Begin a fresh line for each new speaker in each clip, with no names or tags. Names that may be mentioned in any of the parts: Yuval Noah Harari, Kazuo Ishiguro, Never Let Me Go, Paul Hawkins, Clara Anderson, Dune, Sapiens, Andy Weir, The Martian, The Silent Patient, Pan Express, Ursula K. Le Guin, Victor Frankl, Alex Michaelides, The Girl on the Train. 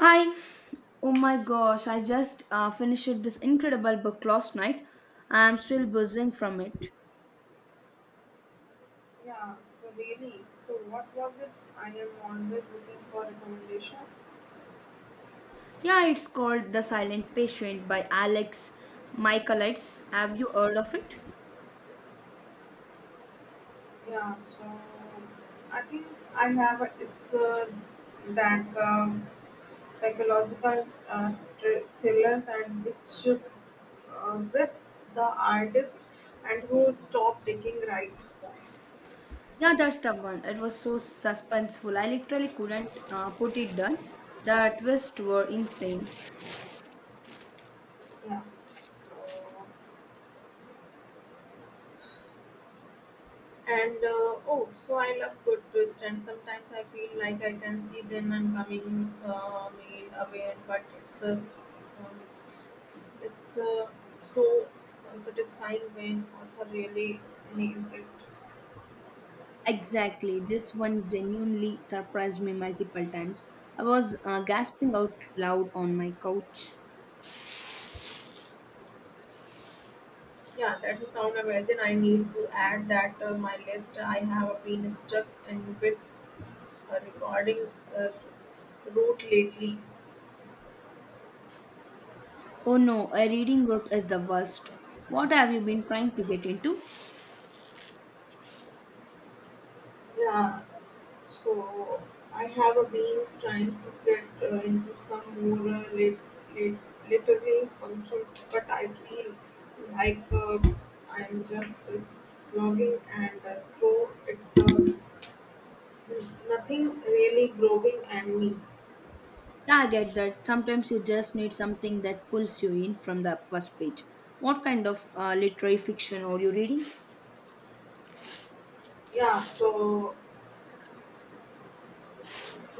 Hi. Oh my gosh, I just finished this incredible book last night. I'm still buzzing from it.
Yeah, so really, so what was it? I am always looking for recommendations.
Yeah, it's called The Silent Patient by Alex Michaelides. Have you heard of it?
Yeah, I think I have a, it's that psychological thrillers and which with the artist and who stop taking right.
Yeah, that's the one. It was so suspenseful. I literally couldn't put it down. The twists were insane.
Yeah. so And oh, so I love good twist, and sometimes I feel like I can see then I coming meal away, but um, it's a so satisfying when author really nails it.
Exactly. This one genuinely surprised me multiple times. I was gasping out loud on my couch.
Yeah, that's a sound amazing. I need to add that my list. I have been stuck in with a recording uh, route lately.
Oh no, a reading group is the worst. What have you been trying to get into?
Yeah, So I have been trying to get into some more lit- literary functions, but I feel like I'm just slogging and through it's nothing really growing and me.
Yeah, I get that. Sometimes you just need something that pulls you in from the first page. What kind of literary fiction are you reading?
Yeah,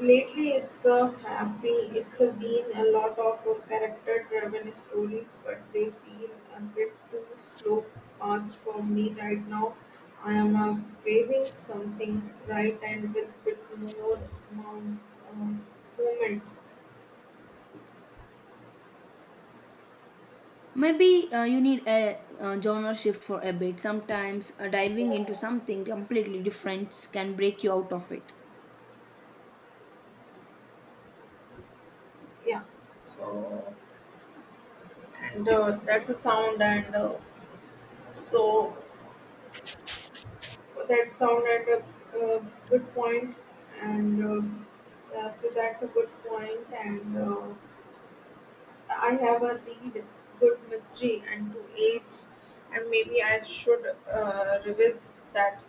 Lately it's a happy it's a been a lot of character driven stories, but they feel a bit too slow past for me right now. I am craving something right and with bit more um, um, movement.
Maybe you need a genre shift for a bit. Sometimes diving into something completely different can break you out of it.
Yeah. So and that's a sound and so that sound and a uh, good point and. Yeah, so that's a good point, and I have a read good mystery and to age, and maybe I should revisit that.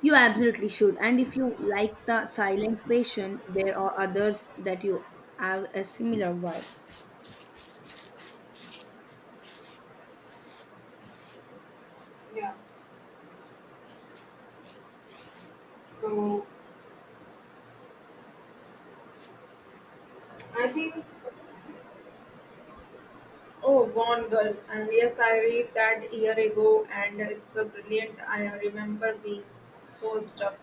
You absolutely should. And if you like the silent patient, there are others that you have a similar vibe.
Yeah. So I think oh, Gone Girl, and yes, I read that year ago, and it's a brilliant. I remember being so stuck.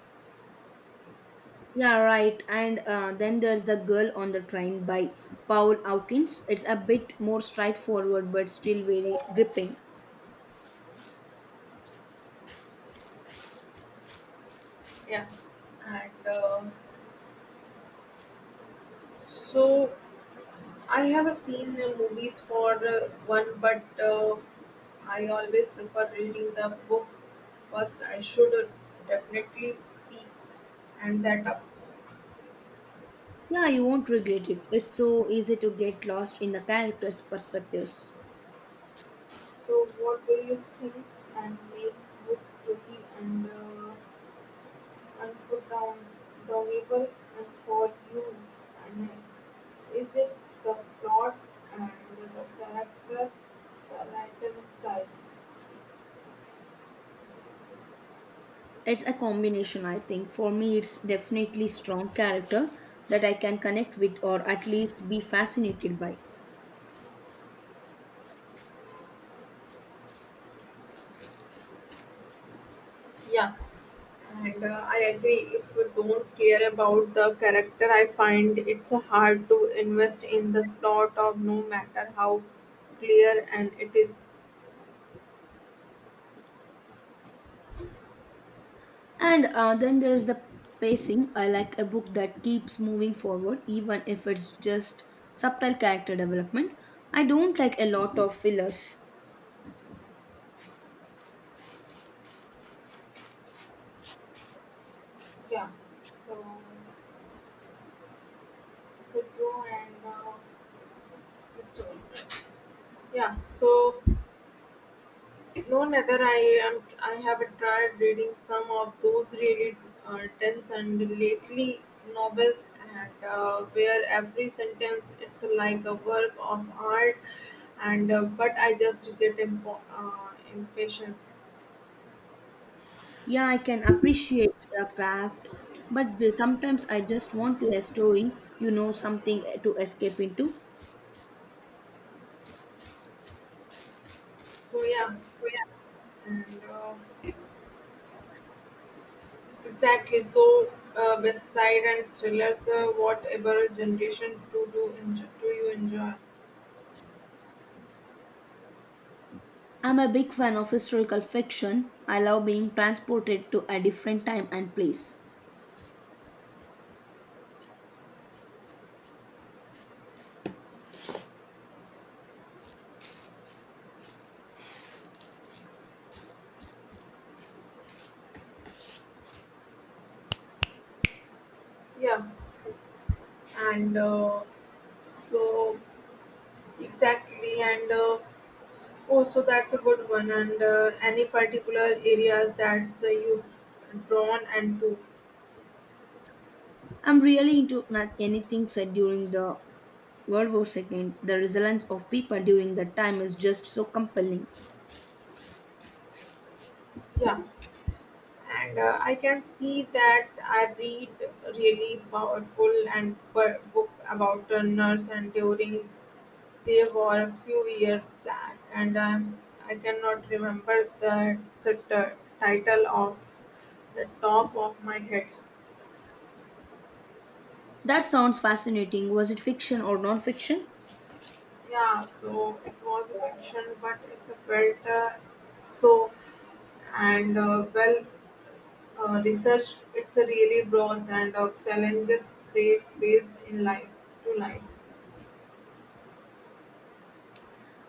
Yeah, right. And then there's The Girl on the Train by Paul Hawkins. It's a bit more straightforward but still very gripping.
Yeah, and so I have seen the movies for one, but I always prefer reading the book first. I should definitely be and that.
Yeah, you won't regret it. It's so easy to get lost in the characters' perspectives.
So what do you think and makes good juicy and unforgettable and for you? And is it the plot and the character, the writing style?
It's a combination, I think. For me, it's definitely strong character that I can connect with or at least be fascinated by.
Yeah, and I agree. If you don't care about the character, I find it's hard to invest in the plot of no matter how clear and it is.
And then there's the pacing. I like a book that keeps moving forward, even if it's just subtle character development. I don't like a lot of fillers.
Yeah. So it's a true and story. Yeah, so no, neither I am. I have tried reading some of those really tense and lately novels, and where every sentence it's like a work of art, and but I just get impatience.
Yeah, I can appreciate the craft, but sometimes I just want to a story, you know, something to escape into.
So yeah, and exactly. So beside and thrillers, whatever generation to do, enjoy, do you enjoy?
I'm a big fan of historical fiction. I love being transported to a different time and place.
Yeah, and so Exactly, and also that's a good one. And Any particular areas that's you drawn and to,
I'm really into not anything said during the World War II, the resilience of people during that time is just so compelling.
yeah. And I can see that I read really powerful and book about nurse and during they were a few years back, and I cannot remember the title of the top of my head.
That sounds fascinating. Was it fiction or non fiction?
Yeah, so it was mentioned, but it's a felt so and well researched. It's a really broad and of challenges they faced in life to life.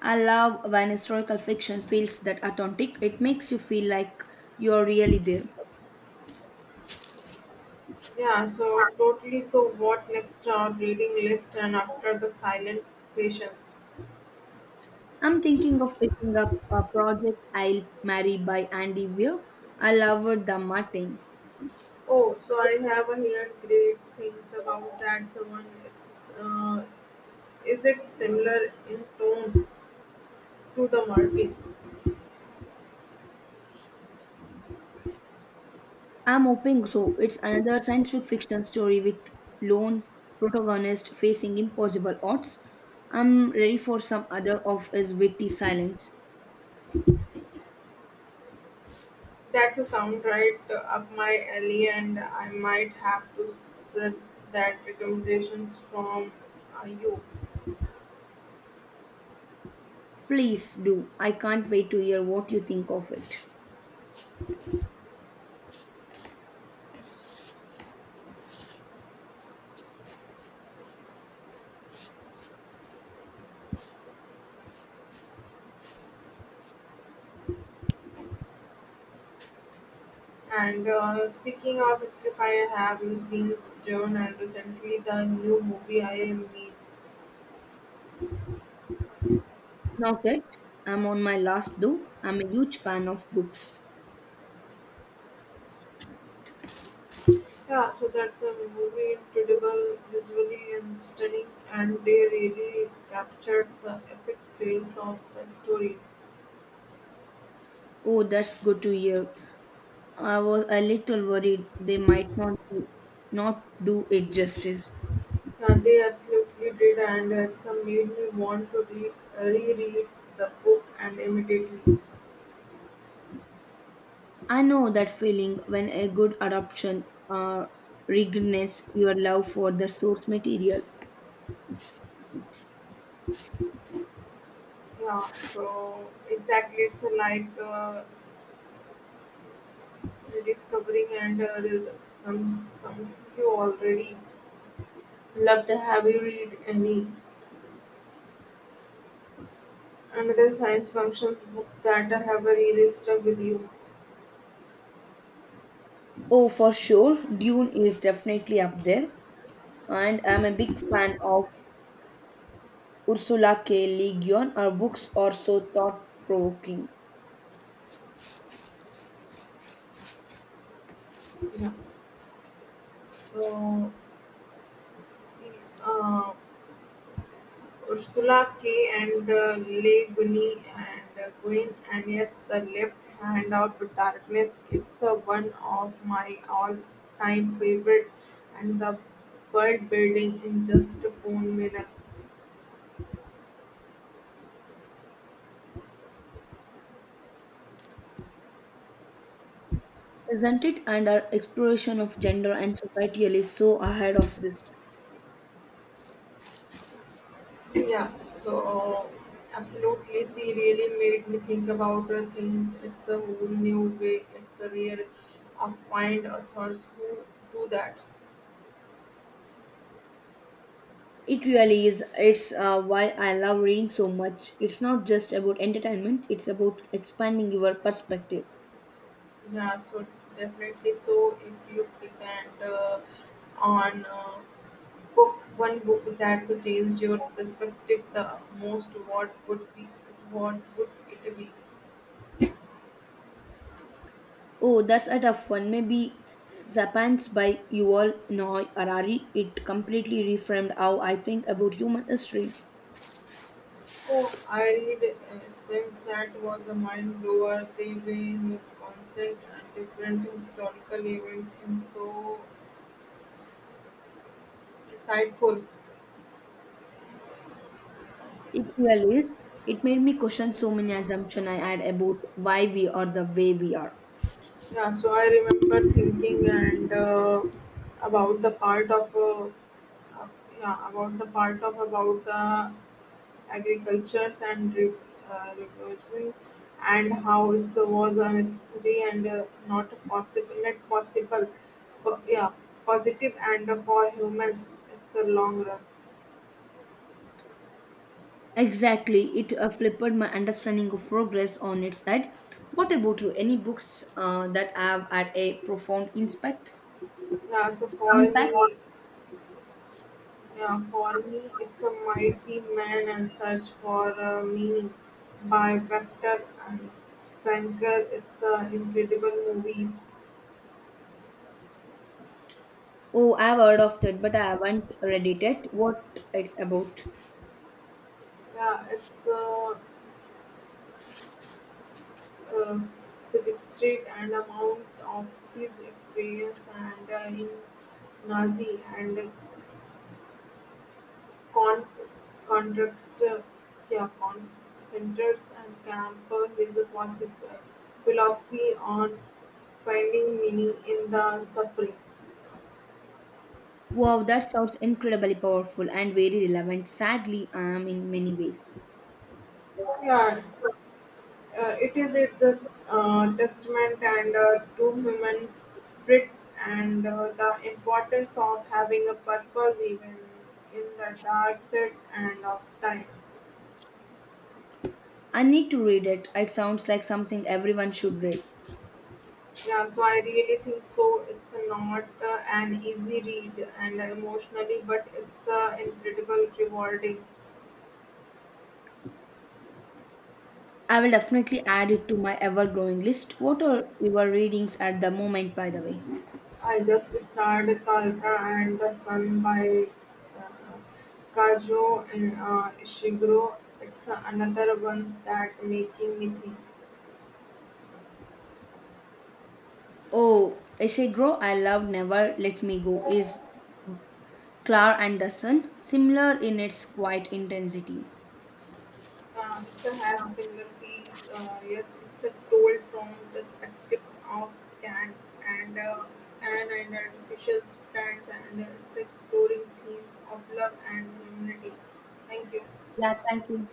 I love when historical fiction feels that authentic. It makes you feel like you're really there.
Yeah, so totally. So what next? Our reading list and after the silent patience.
I'm thinking of picking up a project I'll marry by Andy Weir. I loved the Martin.
Oh, so I have a heard great things about that. Someone, uh, is it similar in tone to the Martin?
I'm hoping so. It's another science fiction story with lone protagonist facing impossible odds. I'm ready for some other of his witty silence.
That's a sound right up my alley, and I might have to sip that recommendations from you.
Please do. I can't wait to hear what you think of it.
And Speaking of Scripire, have you seen Joan and recently the new movie I am me?
Not yet. I'm on my last though. I'm a huge fan of books.
Yeah, so that's a movie incredible visually and stunning, and they really captured the epic sales of the story.
Oh, that's good to hear. I was a little worried they might not be, not do it justice.
Yeah, they absolutely did, and it's made me want to read, reread the book and immediately.
I know that feeling when a good adaptation reignites your love for the source material.
Yeah, so exactly, it's like rediscovering and re- some you already loved. Have you read any another science functions book that have really stuck with you?
Oh, for sure, Dune is definitely up there, and I'm a big fan of Ursula K. Le Guin, her books are so thought provoking,
Yeah, so uh, Ursula K. and Allegheny and Gwyn, and yes, the left hand of darkness. It's a one of my all-time favorite, and the world building in just a phone minute.
isn't it? And her exploration of gender and society is so ahead of this.
Yeah, so absolutely, she really made me think about the things. It's a whole new way. It's a real, I find authors who do that.
It really is. It's why I love reading so much. It's not just about entertainment, it's about expanding your perspective.
Yeah, so definitely. So if you can't on book one book that's changed your perspective the most, what would it be?
Oh, that's a tough one. Maybe Sapiens by Yuval Noah Harari. It completely reframed how I think about human history.
Oh, I read Spence that was a mind blower. They were constant and different historical events and so insightful.
It really is. It made me question so many assumptions I had about why we are the way we are.
Yeah, so I remember thinking and about the part of uh, yeah about the part of about the agricultures and revolution and how it was a necessity and not possible not possible po- yeah positive and for humans it's a long run
Exactly. It flipped my understanding of progress on its head. What about you? Any books that have had a profound impact?
yeah so for
Impact?
me. Yeah, for me, it's a mighty man and search for meaning by Vector and Frankel. It's incredible movies.
Oh, I've heard of that, but I haven't read it yet. What it's about?
Yeah, it's uh, Philip Street and amount of his experience and in Nazi and con- contrast, yeah, con- centers and Campbell with the possible philosophy on finding meaning in the suffering.
Wow, that sounds incredibly powerful and very relevant. Sadly, I am in many ways.
Yeah, it is it's a testament and to human spirit and the importance of having a purpose even in the dark side and of time.
I need to read it. It sounds like something everyone should read.
Yeah, so I really think so. It's a not an easy read and emotionally, but it's incredible rewarding.
I will definitely add it to my ever growing list. What are your readings at the moment, by the way?
I just started Kalka and the Sun by uh, Kazuo and Ishiguro. It's another ones that making me think.
Oh, Essay Grow I Love Never Let Me Go is Clara Anderson, similar in its quiet intensity.
It's a have similar feel. Yes, it's a told from perspective of Kant and an artificial strands, and it's exploring themes of love and humanity. Thank you.
Yeah, thank you.